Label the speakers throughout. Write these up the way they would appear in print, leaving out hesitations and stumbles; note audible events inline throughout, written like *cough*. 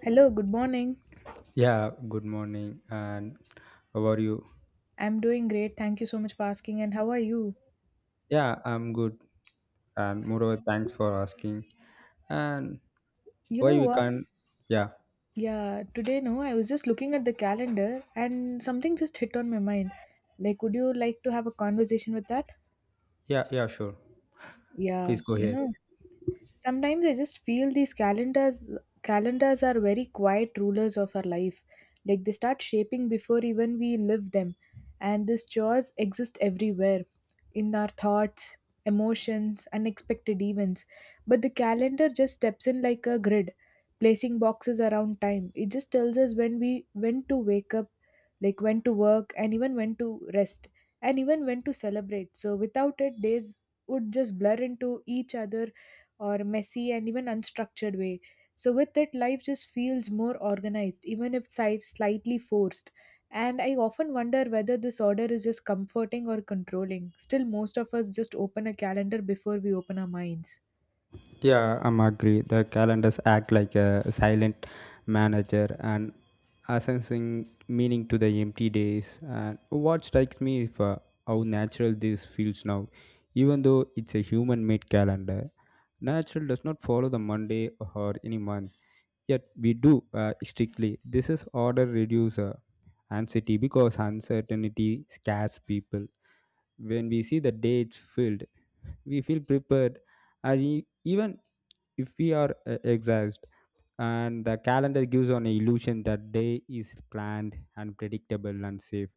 Speaker 1: Hello, good morning.
Speaker 2: Yeah, good morning. And how are you?
Speaker 1: I'm doing great. Thank you so much for asking. And how are you?
Speaker 2: Yeah, I'm good. And moreover, thanks for asking. And
Speaker 1: You
Speaker 2: why
Speaker 1: know
Speaker 2: we
Speaker 1: what?
Speaker 2: can't? Yeah,
Speaker 1: Yeah, today, no, I was just looking at the calendar and something just hit on my mind. Like, would you like to have a conversation with that?
Speaker 2: yeah, yeah, sure. Please
Speaker 1: Yeah,
Speaker 2: go ahead.
Speaker 1: sometimes I just feel these calendars are very quiet rulers of our life. Like they start shaping before even we live them. And these chores exist everywhere in our thoughts, emotions, unexpected events. But the calendar just steps in like a grid, placing boxes around time. It just tells us when to wake up, like when to work and even when to rest and even when to celebrate. So without it, days would just blur into each other, or messy and even unstructured way. So with it, life just feels more organized, even if slightly forced. And I often wonder whether this order is just comforting or controlling. Still, most of us just open a calendar before we open our minds.
Speaker 2: Yeah, I'm agree. The calendars act like a silent manager and assessing meaning to the empty days. And what strikes me is how natural this feels now, even though it's a human-made calendar. Natural does not follow the Monday or any month. Yet we do strictly. This is order reducer anxiety because uncertainty scares people. When we see the dates filled, we feel prepared, and even if we are exhausted, and the calendar gives an illusion that day is planned and predictable and safe.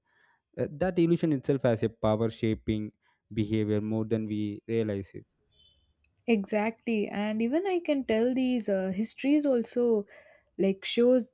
Speaker 2: That illusion itself has a power shaping behavior more than we realize.
Speaker 1: Exactly, and even I can tell these histories also, like, shows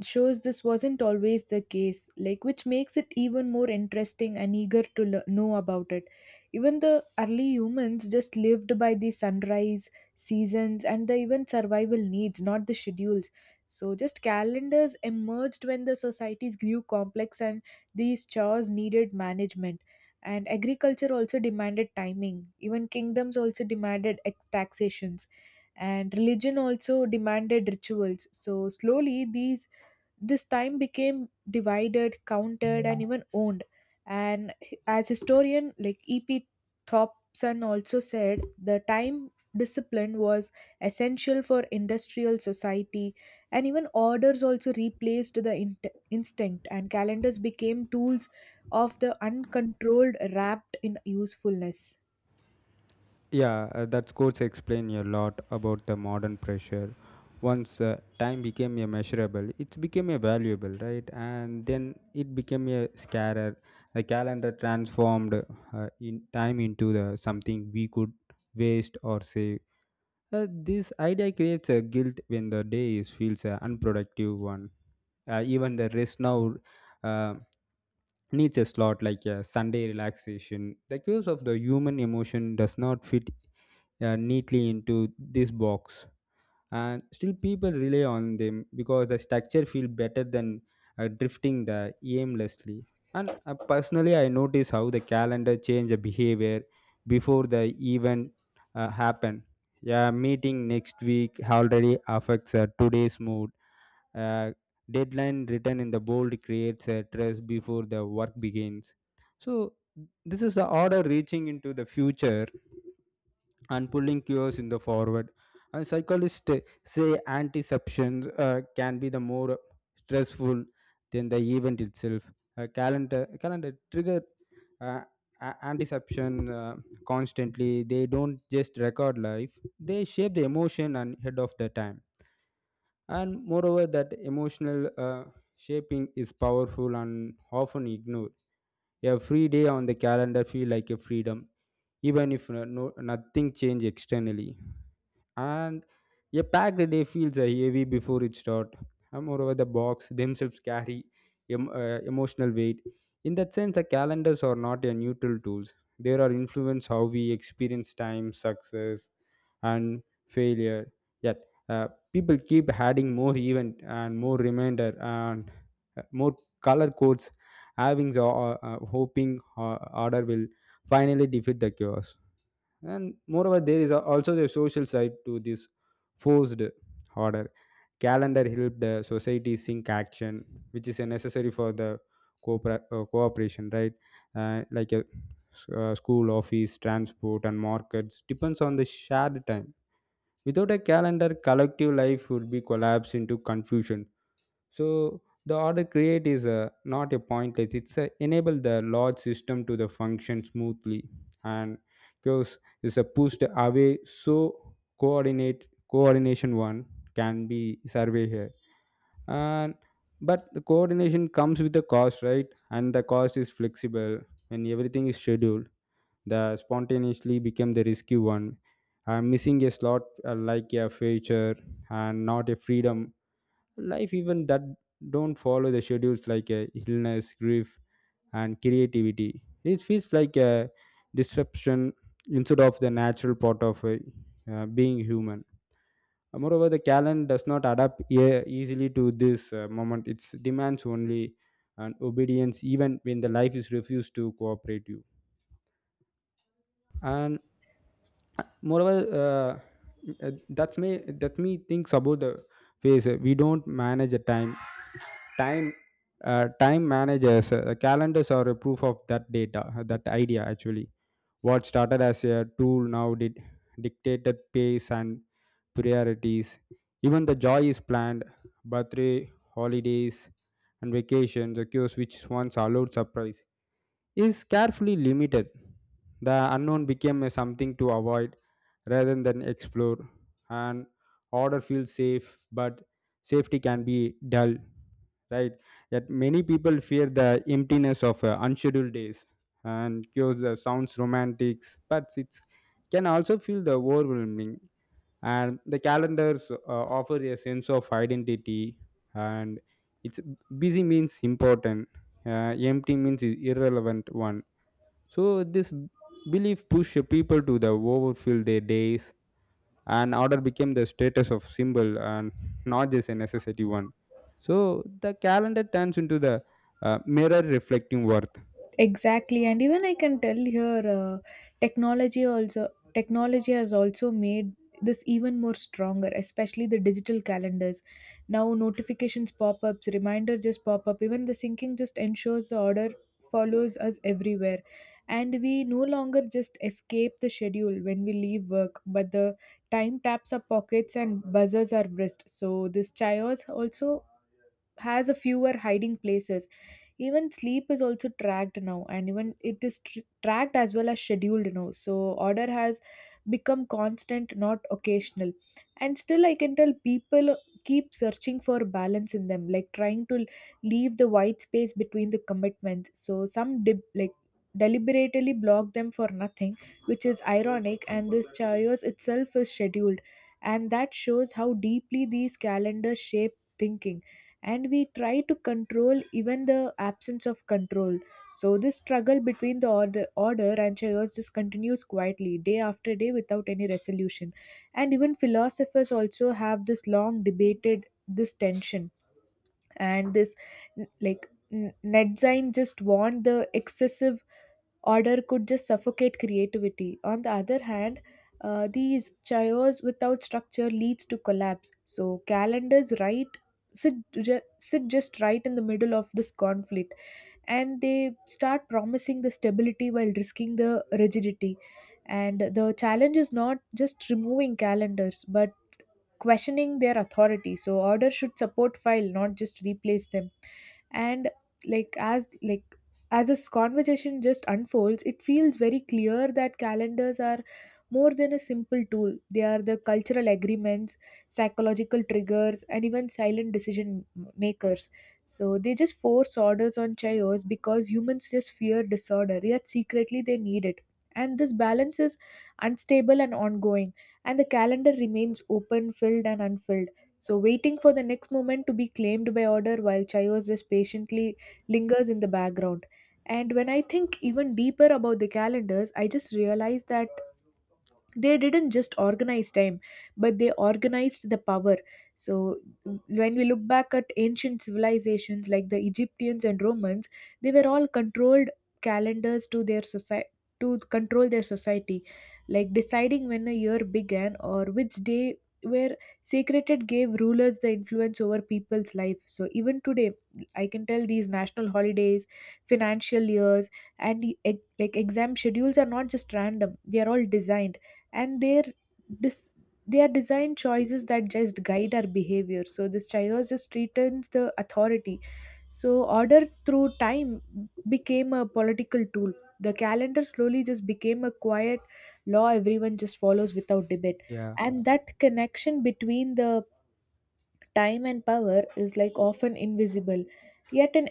Speaker 1: shows this wasn't always the case, like, which makes it even more interesting and eager to know about it. Even the early humans just lived by the sunrise, seasons, and the even survival needs, not the schedules. So just calendars emerged when the societies grew complex and these chores needed management, and agriculture also demanded timing, even kingdoms also demanded taxations, and religion also demanded rituals. So slowly these this time became divided, countered, and even owned. And as historian like E.P. Thompson also said, the time discipline was essential for industrial society, and even orders also replaced the instinct, and calendars became tools of the uncontrolled, wrapped in usefulness.
Speaker 2: Yeah, that scores explain a lot about the modern pressure. Once time became a measurable, it became a valuable, right? And then it became a scarer. The calendar transformed in time into the something we could waste or save. This idea creates a guilt when the day is, feels an unproductive one. Even the rest now uh, needs a slot like a Sunday relaxation. The curse of the human emotion does not fit neatly into this box, and still people rely on them because the structure feel better than drifting the aimlessly. And personally, I notice how the calendar change the behavior before the event happen. Yeah, meeting next week already affects today's mood. uh, Deadline written in the bold creates a stress before the work begins, so this is the order reaching into the future and pulling cures in the forward. And psychologists say anticeptions can be the more stressful than the event itself. A calendar trigger uh, antiception constantly. They don't just record life; they shape the emotion and head of the time. And moreover, that emotional shaping is powerful and often ignored. A free day on the calendar feel like a freedom, even if nothing change externally, and a packed day feels heavy before it starts. Moreover, the box themselves carry emotional weight. In that sense, the calendars are not a neutral tools. They are influence how we experience time, success, and failure. Yet, people keep adding more event and more reminder and more color codes, having the hoping order will finally defeat the chaos. And moreover, there is also the social side to this forced order. Calendar helped the society sync action, which is a necessary for the cooperation, right? Like a school, office, transport and markets depends on the shared time. Without a calendar, collective life would be collapsed into confusion. So the order create is a, not a pointless. It's a, enable the large system to the function smoothly, and because it's a pushed away. So coordinate coordination one can be survey here, and but the coordination comes with the cost, right? And the cost is flexible when everything is scheduled. The spontaneously become the risky one. I'm missing a slot like a feature and not a freedom. Life even that don't follow the schedules like illness, grief and creativity, it feels like a disruption instead of the natural part of being human. Moreover, the calendar does not adapt easily to this moment. It demands only an obedience even when the life is refused to cooperate you. And moreover uh, uh, that's me, that me thinks about the phase, we don't manage a time. Time managers, calendars are a proof of that data, that idea actually. What started as a tool now did dictated pace and priorities. Even the joy is planned: birthday, holidays and vacations occurs which once allowed surprise is carefully limited. The unknown became a something to avoid rather than explore, and order feels safe, but safety can be dull, right? Yet many people fear the emptiness of unscheduled days, and cures the sounds romantics, but it can also feel the overwhelming. And the calendars offer a sense of identity, and it's busy means important, uh, empty means is irrelevant one. So this belief push people to the overfill their days, and order became the status of symbol and not just a necessity one. So the calendar turns into the mirror reflecting worth.
Speaker 1: Exactly, and even I can tell here, technology has also made this even more stronger, especially the digital calendars. Now notifications pop ups, reminder just pop up. Even the syncing just ensures the order follows us everywhere, and we no longer just escape the schedule when we leave work, but the time taps our pockets and buzzers our wrist. So this chaos also has a fewer hiding places. Even sleep is also tracked now and even it is tracked as well as scheduled now, so order has become constant, not occasional. And still I can tell people keep searching for balance in them, like trying to leave the white space between the commitments. So some dip, like, deliberately block them for nothing, which is ironic, and this chaos itself is scheduled, and that shows how deeply these calendars shape thinking, and we try to control even the absence of control. So this struggle between the order and chaos just continues quietly day after day without any resolution. And even philosophers also have this long debated this tension. And this like Nedzain just warned the excessive order could just suffocate creativity. On the other hand, these chaos without structure leads to collapse. So calendars right sit just right in the middle of this conflict, and they start promising the stability while risking the rigidity. And the challenge is not just removing calendars, but questioning their authority, so orders should support file, not just replace them. And, like, as, as this conversation just unfolds, it feels very clear that calendars are more than a simple tool. They are the cultural agreements, psychological triggers, and even silent decision makers. So they just force orders on chaos because humans just fear disorder, yet secretly they need it, and this balance is unstable and ongoing, and the calendar remains open, filled, and unfilled. So, waiting for the next moment to be claimed by order while chaos just patiently lingers in the background. And when I think even deeper about the calendars, I just realize that they didn't just organize time, but they organized the power. So when we look back at ancient civilizations like the Egyptians and Romans, they were all controlled calendars to their society to control their society, like deciding when a year began or which day were sacred gave rulers the influence over people's life. So even today I can tell these national holidays, financial years, and the, like, exam schedules are not just random. They are all designed, and dis- their design choices that just guide our behavior, so this chaos just returns the authority. So order through time became a political tool. The calendar slowly just became a quiet law everyone just follows without debate.
Speaker 2: Yeah,
Speaker 1: And that connection between the time and power is like often invisible, yet an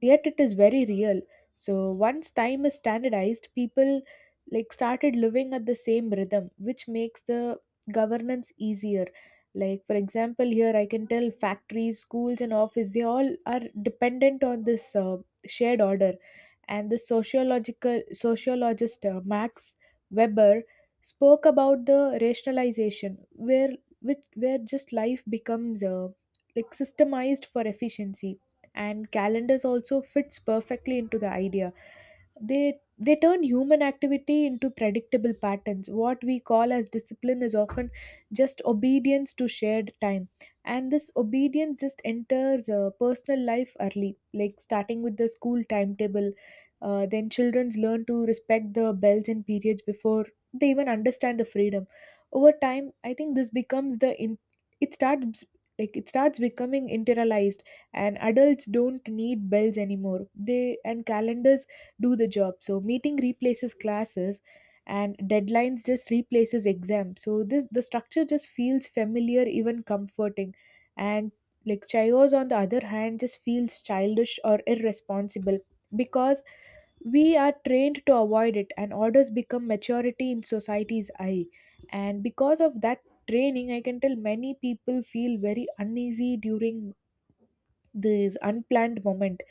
Speaker 1: yet it is very real. So once time is standardized, people like started living at the same rhythm, which makes the governance easier. Like, for example, here I can tell factories, schools, and office, they all are dependent on this shared order. And the sociological sociologist Max Weber spoke about the rationalization, where where just life becomes like systemized for efficiency, and calendars also fits perfectly into the idea. They they turn human activity into predictable patterns. What we call as discipline is often just obedience to shared time. And this obedience just enters personal life early, like starting with the school timetable. Then children learn to respect the bells and periods before they even understand the freedom. Over time, I think this becomes the in it starts it starts becoming internalized. And adults don't need bells anymore, they and calendars do the job. So meeting replaces classes, and deadlines just replaces exams. So this the structure just feels familiar, even comforting. And, like, chaos on the other hand just feels childish or irresponsible, because we are trained to avoid it, and orders become maturity in society's eye. And because of that training, I can tell many people feel very uneasy during this unplanned moment.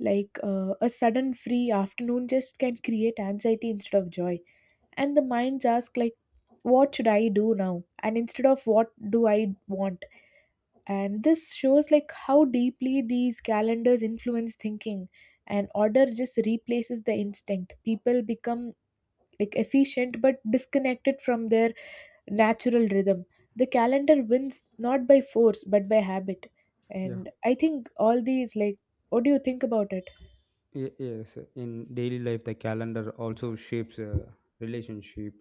Speaker 1: Like, a sudden free afternoon just can create anxiety instead of joy. And the minds ask like, what should I do now, and instead of, what do I want. And this shows like how deeply these calendars influence thinking, and order just replaces the instinct. People become like efficient but disconnected from their natural rhythm. The calendar wins not by force but by habit.
Speaker 2: yeah.
Speaker 1: And I think all these, like, what do you think about it?
Speaker 2: Yes, in daily life, the calendar also shapes a relationship.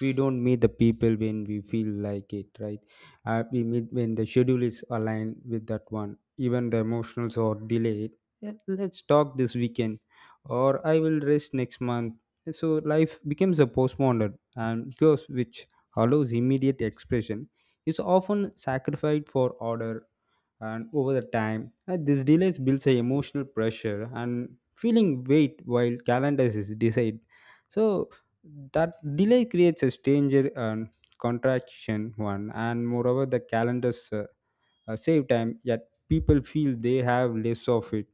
Speaker 2: We don't meet the people when we feel like it, right? We meet when the schedule is aligned with that one. Even the emotionals are delayed. Yeah, let's talk this weekend, or I will rest next month. So life becomes a postponed and curse which allows immediate expression is often sacrificed for order, and over the time this delays builds a emotional pressure and feeling weight while calendars is decide. So that delay creates a stranger and contraction one. And moreover, the calendars save time yet people feel they have less of it.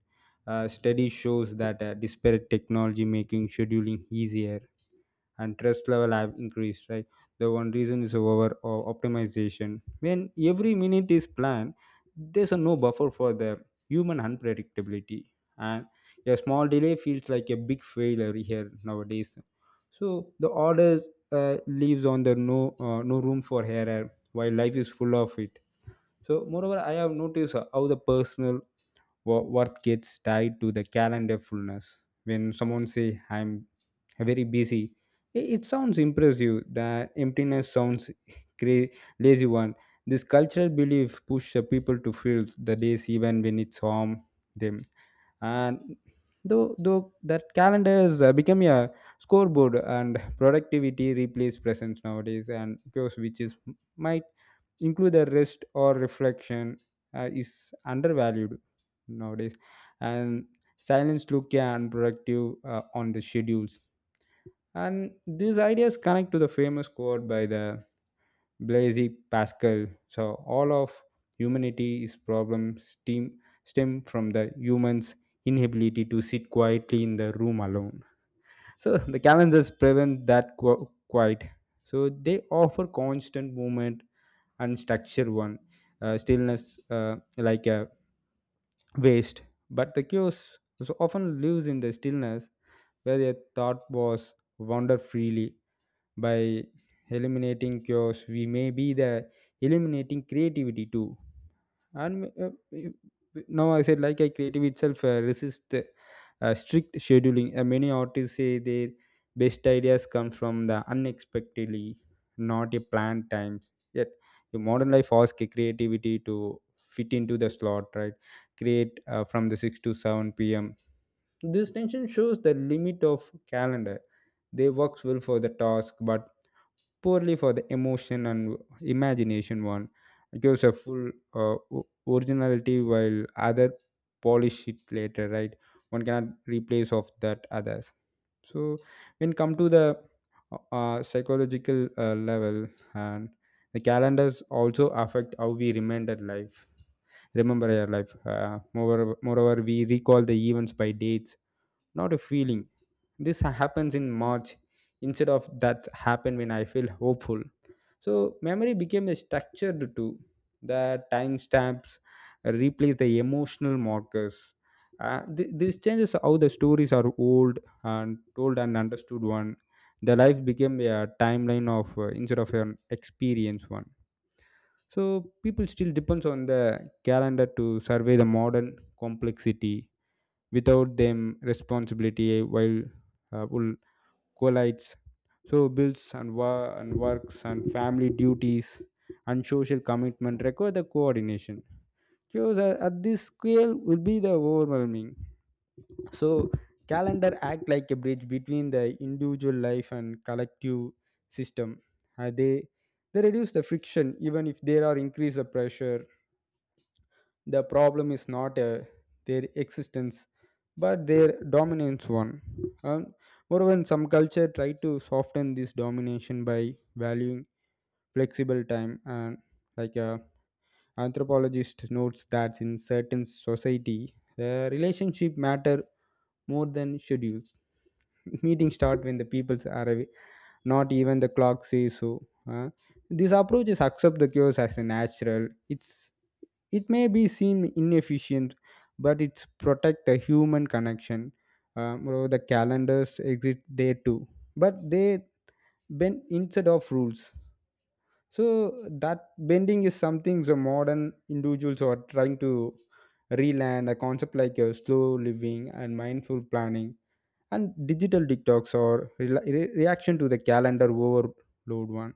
Speaker 2: Study shows that disparate technology making scheduling easier and trust level have increased, right? The one reason is over optimization. When every minute is planned, there's a no buffer for the human unpredictability, and a small delay feels like a big failure here nowadays. So the orders leaves on the no room for error while life is full of it. So moreover, I have noticed how the personal worth gets tied to the calendar fullness. When someone say I'm very busy, it sounds impressive. The emptiness sounds *laughs* cra- lazy one. This cultural belief pushes people to fill the days even when it's harm them. And though that calendar has become a scoreboard and productivity replace presence nowadays, and because which is might include the rest or reflection is undervalued nowadays. And silence look, yeah, and productive on the schedules. And these ideas connect to the famous quote by the Blaise Pascal: so all of humanity is problem stem from the humans inability to sit quietly in the room alone. So *laughs* the calendars prevent that quite. So they offer constant movement and structure one, stillness like a waste. But the chaos so often lives in the stillness where a thought was wander freely. By eliminating chaos, we may be the eliminating creativity too. And now I said like I creative itself resist strict scheduling. Many artists say their best ideas come from the unexpectedly, not a planned times. Yet the modern life asks creativity to fit into the slot, right? Create from the 6 to 7 p.m. This tension shows the limit of calendar. They works well for the task but poorly for the emotion and imagination one. It gives a full originality while other polish it later, right? One cannot replace of that others. So when come to the psychological level, and the calendars also affect how we remember our life. Moreover, we recall the events by dates, not a feeling. This happens in March, instead of that happen when I feel hopeful. So memory became a structured tool. The timestamps replace the emotional markers. This changes how the stories are old and told and understood one. The life became a timeline of instead of an experience one. So people still depends on the calendar to survey the modern complexity. Without them, responsibility while will collides. So bills and works and family duties and social commitment require the coordination. Chaos at this scale will be the overwhelming. So calendar act like a bridge between the individual life and collective system. Uh, they they reduce the friction even if there are increase the pressure. The problem is not their existence, but their dominance one. Um, moreover, in some culture try to soften this domination by valuing flexible time, and like anthropologist notes that in certain society, the relationship matter more than schedules. *laughs* Meetings start when the peoples are away, not even the clock says so. These approaches accept the cures as a natural. It may be seem inefficient, but it's protect the human connection. Moreover, the calendars exist there too, but they bend instead of rules. So that bending is something the modern individuals are trying to relearn. A concept like slow living and mindful planning and digital detox or reaction to the calendar overload one.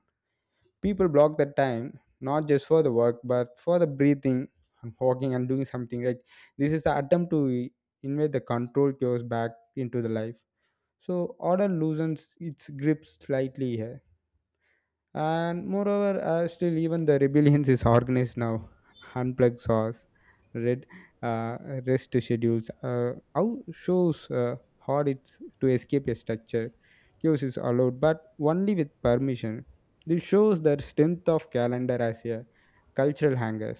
Speaker 2: People block the time not just for the work but for the breathing and walking and doing something, right? This is the attempt to invade the control chaos back into the life. So order loosens its grip slightly here and moreover still even the rebellions is organized now *laughs* unplugged source red uh, rest schedules, how shows hard it's to escape a structure. Chaos is allowed but only with permission. This shows the strength of calendar as a cultural hanger.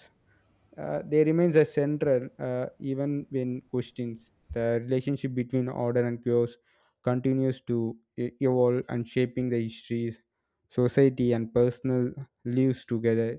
Speaker 2: They remains a central, even when questions the relationship between order and chaos continues to evolve and shaping the histories, society and personal lives together,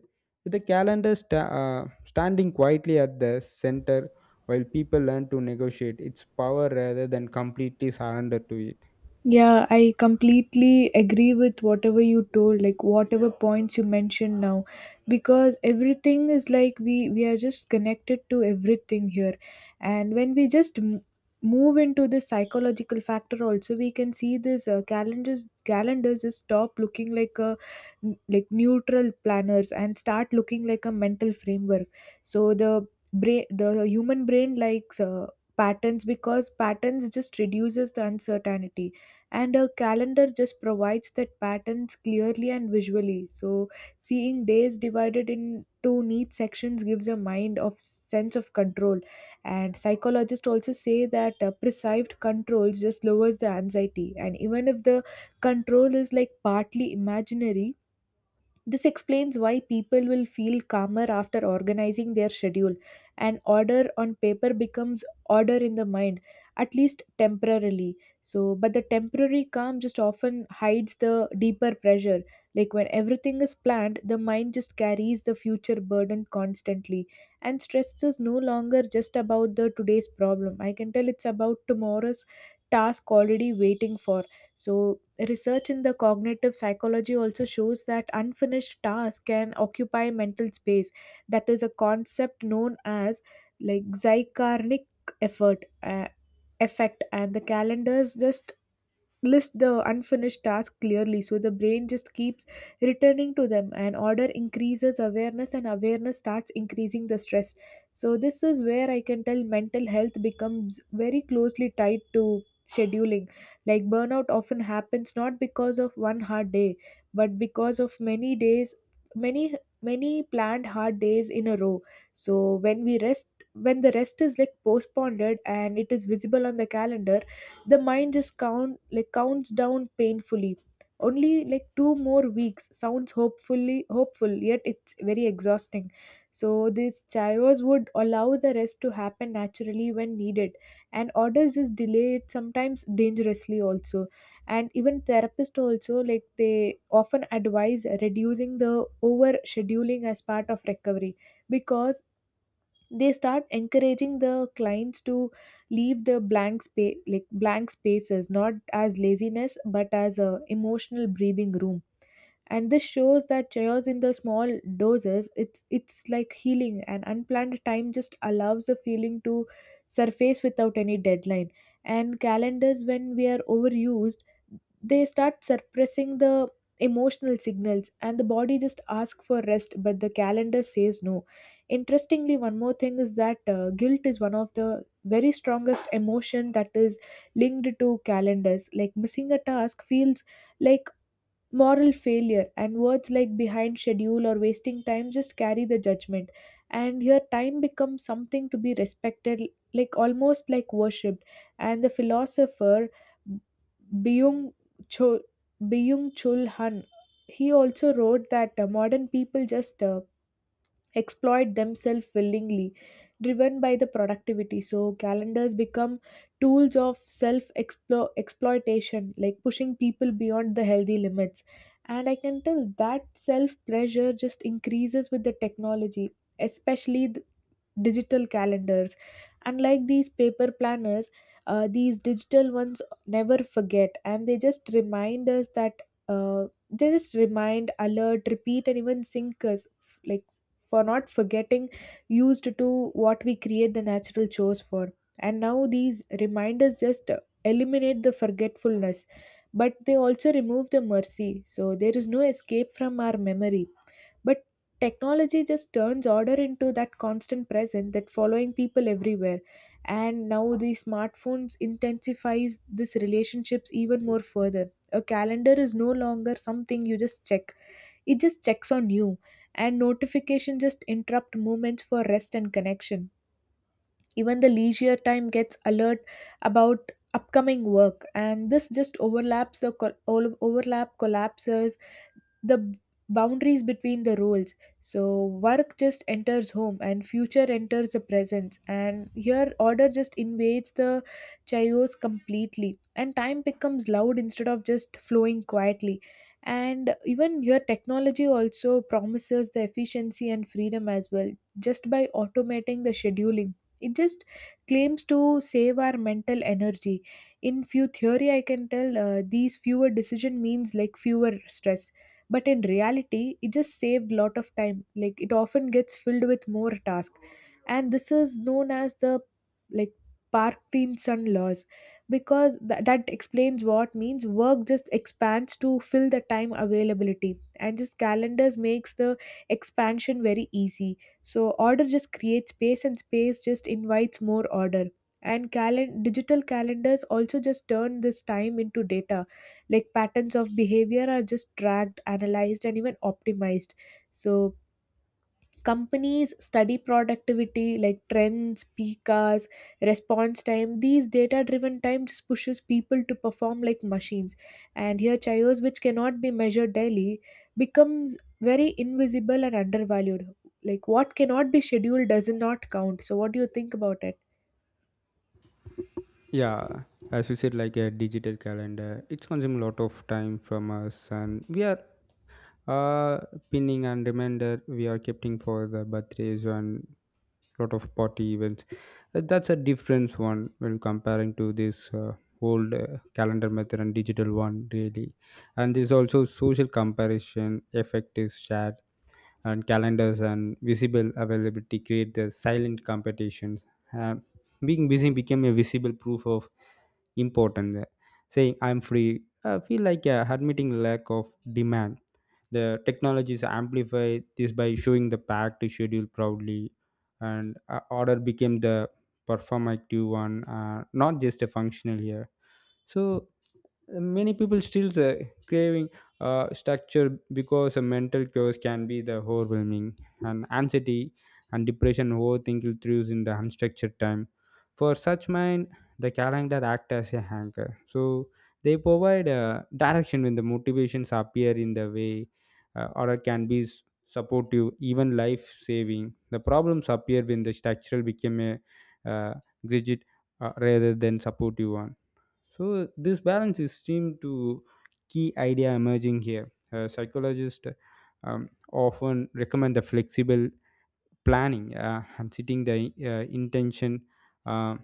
Speaker 2: with the calendar standing quietly at the center while people learn to negotiate its power rather than completely surrender to it.
Speaker 1: Yeah, I completely agree with whatever you told, like whatever points you mentioned now, because everything is like we are just connected to everything here, and when we just move into the psychological factor also, we can see this calendars just stop looking like a like neutral planners and start looking like a mental framework. So the brain, the human brain, likes patterns because patterns just reduces the uncertainty, and a calendar just provides that patterns clearly and visually. So seeing days divided into neat sections gives a mind of sense of control, and psychologists also say that perceived controls just lowers the anxiety, and even if the control is like partly imaginary, this explains why people will feel calmer after organizing their schedule, and order on paper becomes order in the mind, at least temporarily. So, but the temporary calm just often hides the deeper pressure. Like, when everything is planned, the mind just carries the future burden constantly, and stress is no longer just about the today's problem. I can tell it's about tomorrow's task already waiting for. So, research in the cognitive psychology also shows that unfinished tasks can occupy mental space. That is a concept known as like Zygarnik effort effect, and the calendars just list the unfinished tasks clearly so the brain just keeps returning to them, and order increases awareness and awareness starts increasing the stress. So this is where I can tell mental health becomes very closely tied to scheduling. Like burnout often happens not because of one hard day but because of many days, many many planned hard days in a row. So when we rest, when the rest is like postponed and it is visible on the calendar, the mind just counts down painfully. Only like two more weeks sounds hopeful yet it's very exhausting. So this chaos would allow the rest to happen naturally when needed, and orders just delay it sometimes dangerously also. And even therapists also, like, they often advise reducing the over scheduling as part of recovery, because they start encouraging the clients to leave the blank space, like blank spaces, not as laziness but as a emotional breathing room. And this shows that chaos in the small doses, it's like healing, and unplanned time just allows the feeling to surface without any deadline. And calendars when we are overused, they start suppressing the emotional signals, and the body just asks for rest but the calendar says no. Interestingly, one more thing is that guilt is one of the very strongest emotion that is linked to calendars. Like missing a task feels like moral failure, and words like behind schedule or wasting time just carry the judgment. And here time becomes something to be respected, like almost like worshipped. And the philosopher byung chul byung chul han, he also wrote that modern people just exploit themselves willingly, driven by the productivity. So calendars become tools of self exploitation, like pushing people beyond the healthy limits. And I can tell that self pressure just increases with the technology, especially digital calendars, unlike these paper planners. These digital ones never forget and they just remind us that they just remind, alert, repeat, and even sync us like for not forgetting used to what we create the natural chores for. And now these reminders just eliminate the forgetfulness, but they also remove the mercy, so there is no escape from our memory. But technology just turns order into that constant present that following people everywhere. And now the smartphones intensifies this relationships even more further. A calendar is no longer something you just check. It just checks on you. And notification just interrupt moments for rest and connection. Even the leisure time gets alert about upcoming work, and this just overlaps the col- all overlap collapses the b- boundaries between the roles. So work just enters home and future enters the presence, and here order just invades the chaos completely and time becomes loud instead of just flowing quietly. And even your technology also promises the efficiency and freedom as well. Just by automating the scheduling, it just claims to save our mental energy. In few theory, I can tell these fewer decision means like fewer stress, but in reality it just saved lot of time, like it often gets filled with more tasks. And this is known as the like parkinson laws, because that explains what means work just expands to fill the time availability, and just calendars makes the expansion very easy. So order just creates space and space just invites more order. And digital calendars also just turn this time into data, like patterns of behavior are just tracked, analyzed, and even optimized. So companies study productivity like trends, peak hours, response time. These data driven times pushes people to perform like machines. And here chaos, which cannot be measured daily, becomes very invisible and undervalued. Like what cannot be scheduled does not count. So what do you think about it?
Speaker 2: Yeah, as you said, like a digital calendar, it's consuming a lot of time from us, and we are uh pinning and reminder we are keeping for the birthdays and lot of party events. That's a different one when comparing to this old calendar method and digital one really. And there's also social comparison effect is shared, and calendars and visible availability create the silent competitions. Uh, Being busy became a visible proof of importance. Saying I'm free, I feel like admitting lack of demand. The technologies amplify this by showing the packed schedule proudly, and order became the performative one, not just a functional here. So many people still craving structure because a mental chaos can be the overwhelming, and anxiety and depression overthinking thrives in the unstructured time. For such mind, the calendar act as a anchor, so they provide a direction when the motivations appear in the way. Or it can be supportive, even life saving. The problems appear when the structural became a uh, rigid rather than supportive one. So this balance is seem to key idea emerging here. Psychologists often recommend the flexible planning and setting the intention, uh,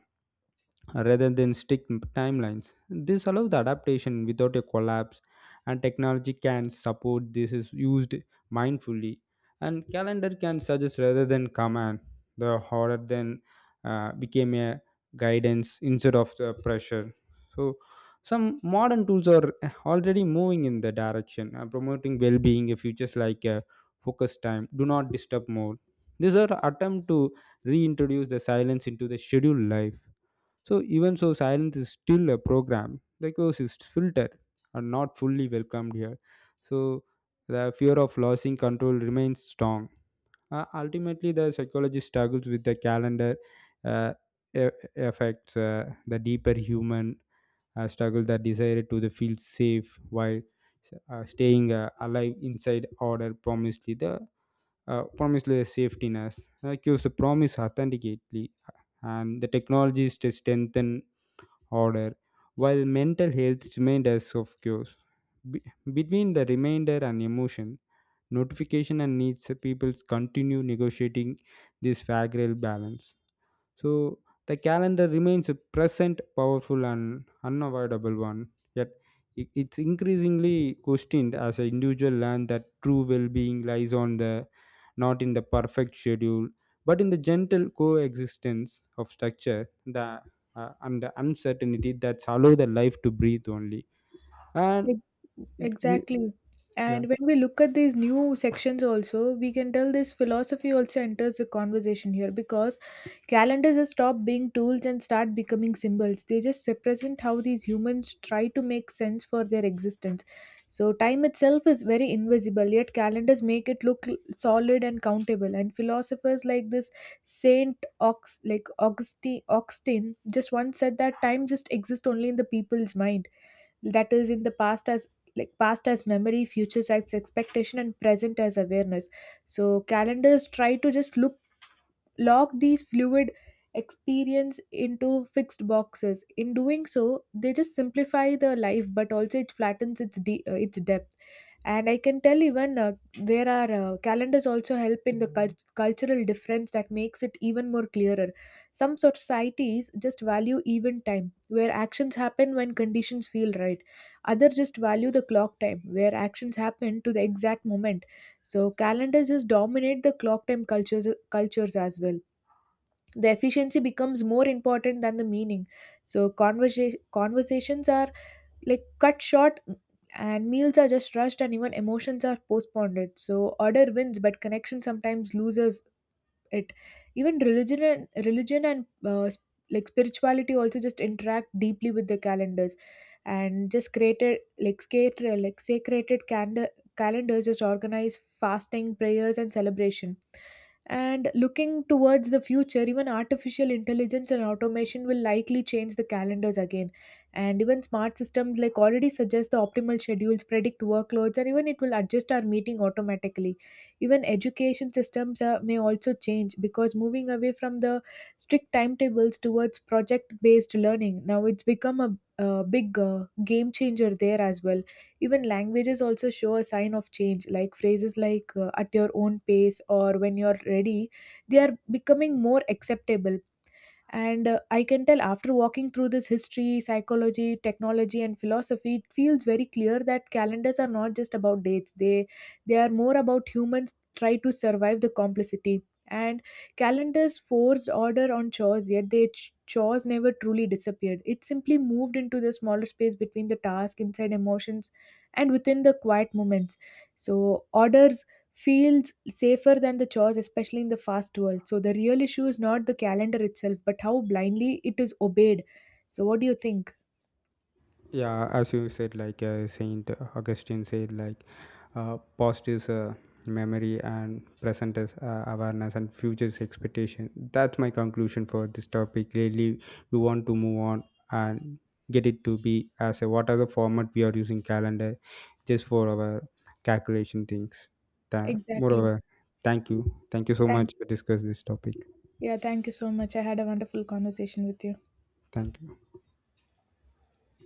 Speaker 2: rather than strict timelines. This allows the adaptation without a collapse, and technology can support this is used mindfully. And calendar can suggest rather than command. The horror then became a guidance instead of the pressure. So some modern tools are already moving in the direction, promoting well-being features like focus time, do not disturb mode. These are attempt to reintroduce the silence into the scheduled life. So even so, silence is still a program because its filter are not fully welcomed here. So the fear of losing control remains strong. Ultimately, the psychologist struggles with the calendar uh, effects, the deeper human struggle, that desire to the feel safe while staying alive inside order promised the safetiness. Gives the promise authenticately, and the technologies to strengthen order, while mental health remained as of cures. Be- Between the remainder and emotion, notification and needs, peoples continue negotiating this fragile balance. So the calendar remains a present, powerful, and unavoidable one. Yet it's increasingly questioned as an individual learn that true well-being lies on the not in the perfect schedule, but in the gentle coexistence of structure, the and the uncertainty that allow the life to breathe only. And
Speaker 1: Ex-
Speaker 2: we,
Speaker 1: Exactly.
Speaker 2: yeah,
Speaker 1: And when we look at these new sections also, we can tell this philosophy also enters the conversation here, because calendars just stop being tools and start becoming symbols. They just represent how these humans try to make sense for their existence. So time itself is very invisible, yet calendars make it look solid and countable. And philosophers like this Saint Ox like Augustine Augustine just once said that time just exists only in the people's mind, that is in the past as memory, futures as expectation, and present as awareness. So calendars try to just look lock these fluid experience into fixed boxes. In doing so they just simplify the life, but also it flattens its depth. And I can tell even there are calendars also help in the cultural difference that makes it even more clearer. Some societies just value event time, where actions happen when conditions feel right. Others just value the clock time, where actions happen to the exact moment. So calendars just dominate the clock time cultures as well. The efficiency becomes more important than the meaning. So conversations are like cut short, and meals are just rushed, and even emotions are postponed. So order wins but connection sometimes loses it. Even religion and spirituality also just interact deeply with the calendars, and just created like scared like sacred calendars. Just organize fasting, prayers, and celebration. And looking towards the future, even artificial intelligence and automation will likely change the calendars again. And even smart systems like already suggest the optimal schedules, predict workloads, and even it will adjust our meeting automatically. Even education systems may also change, because moving away from the strict timetables towards project based learning, now it's become a big game changer there as well. Even languages also show a sign of change, like phrases like at your own pace or when you're ready, they are becoming more acceptable. And I can tell after walking through this history, psychology, technology, and philosophy, it feels very clear that calendars are not just about dates. They are more about humans try to survive the complexity. And calendars forced order on chores, yet they chores never truly disappeared. It simply moved into the smaller space between the task, inside emotions, and within the quiet moments. So orders feels safer than the chores, especially in the fast world. So the real issue is not the calendar itself, but how blindly it is obeyed. So what do you think?
Speaker 2: yeah, as you said, like Saint Augustine said, like past is memory, and present is awareness, and future is expectation. That's my conclusion for this topic. Really, we want to move on and get it to be as a what are the format we are using calendar just for our calculation things.
Speaker 1: Exactly.
Speaker 2: Moreover, thank you. Thank you so
Speaker 1: Thank
Speaker 2: much to discuss this topic.
Speaker 1: Yeah, thank you so much. I had a wonderful conversation with you.
Speaker 2: Thank you.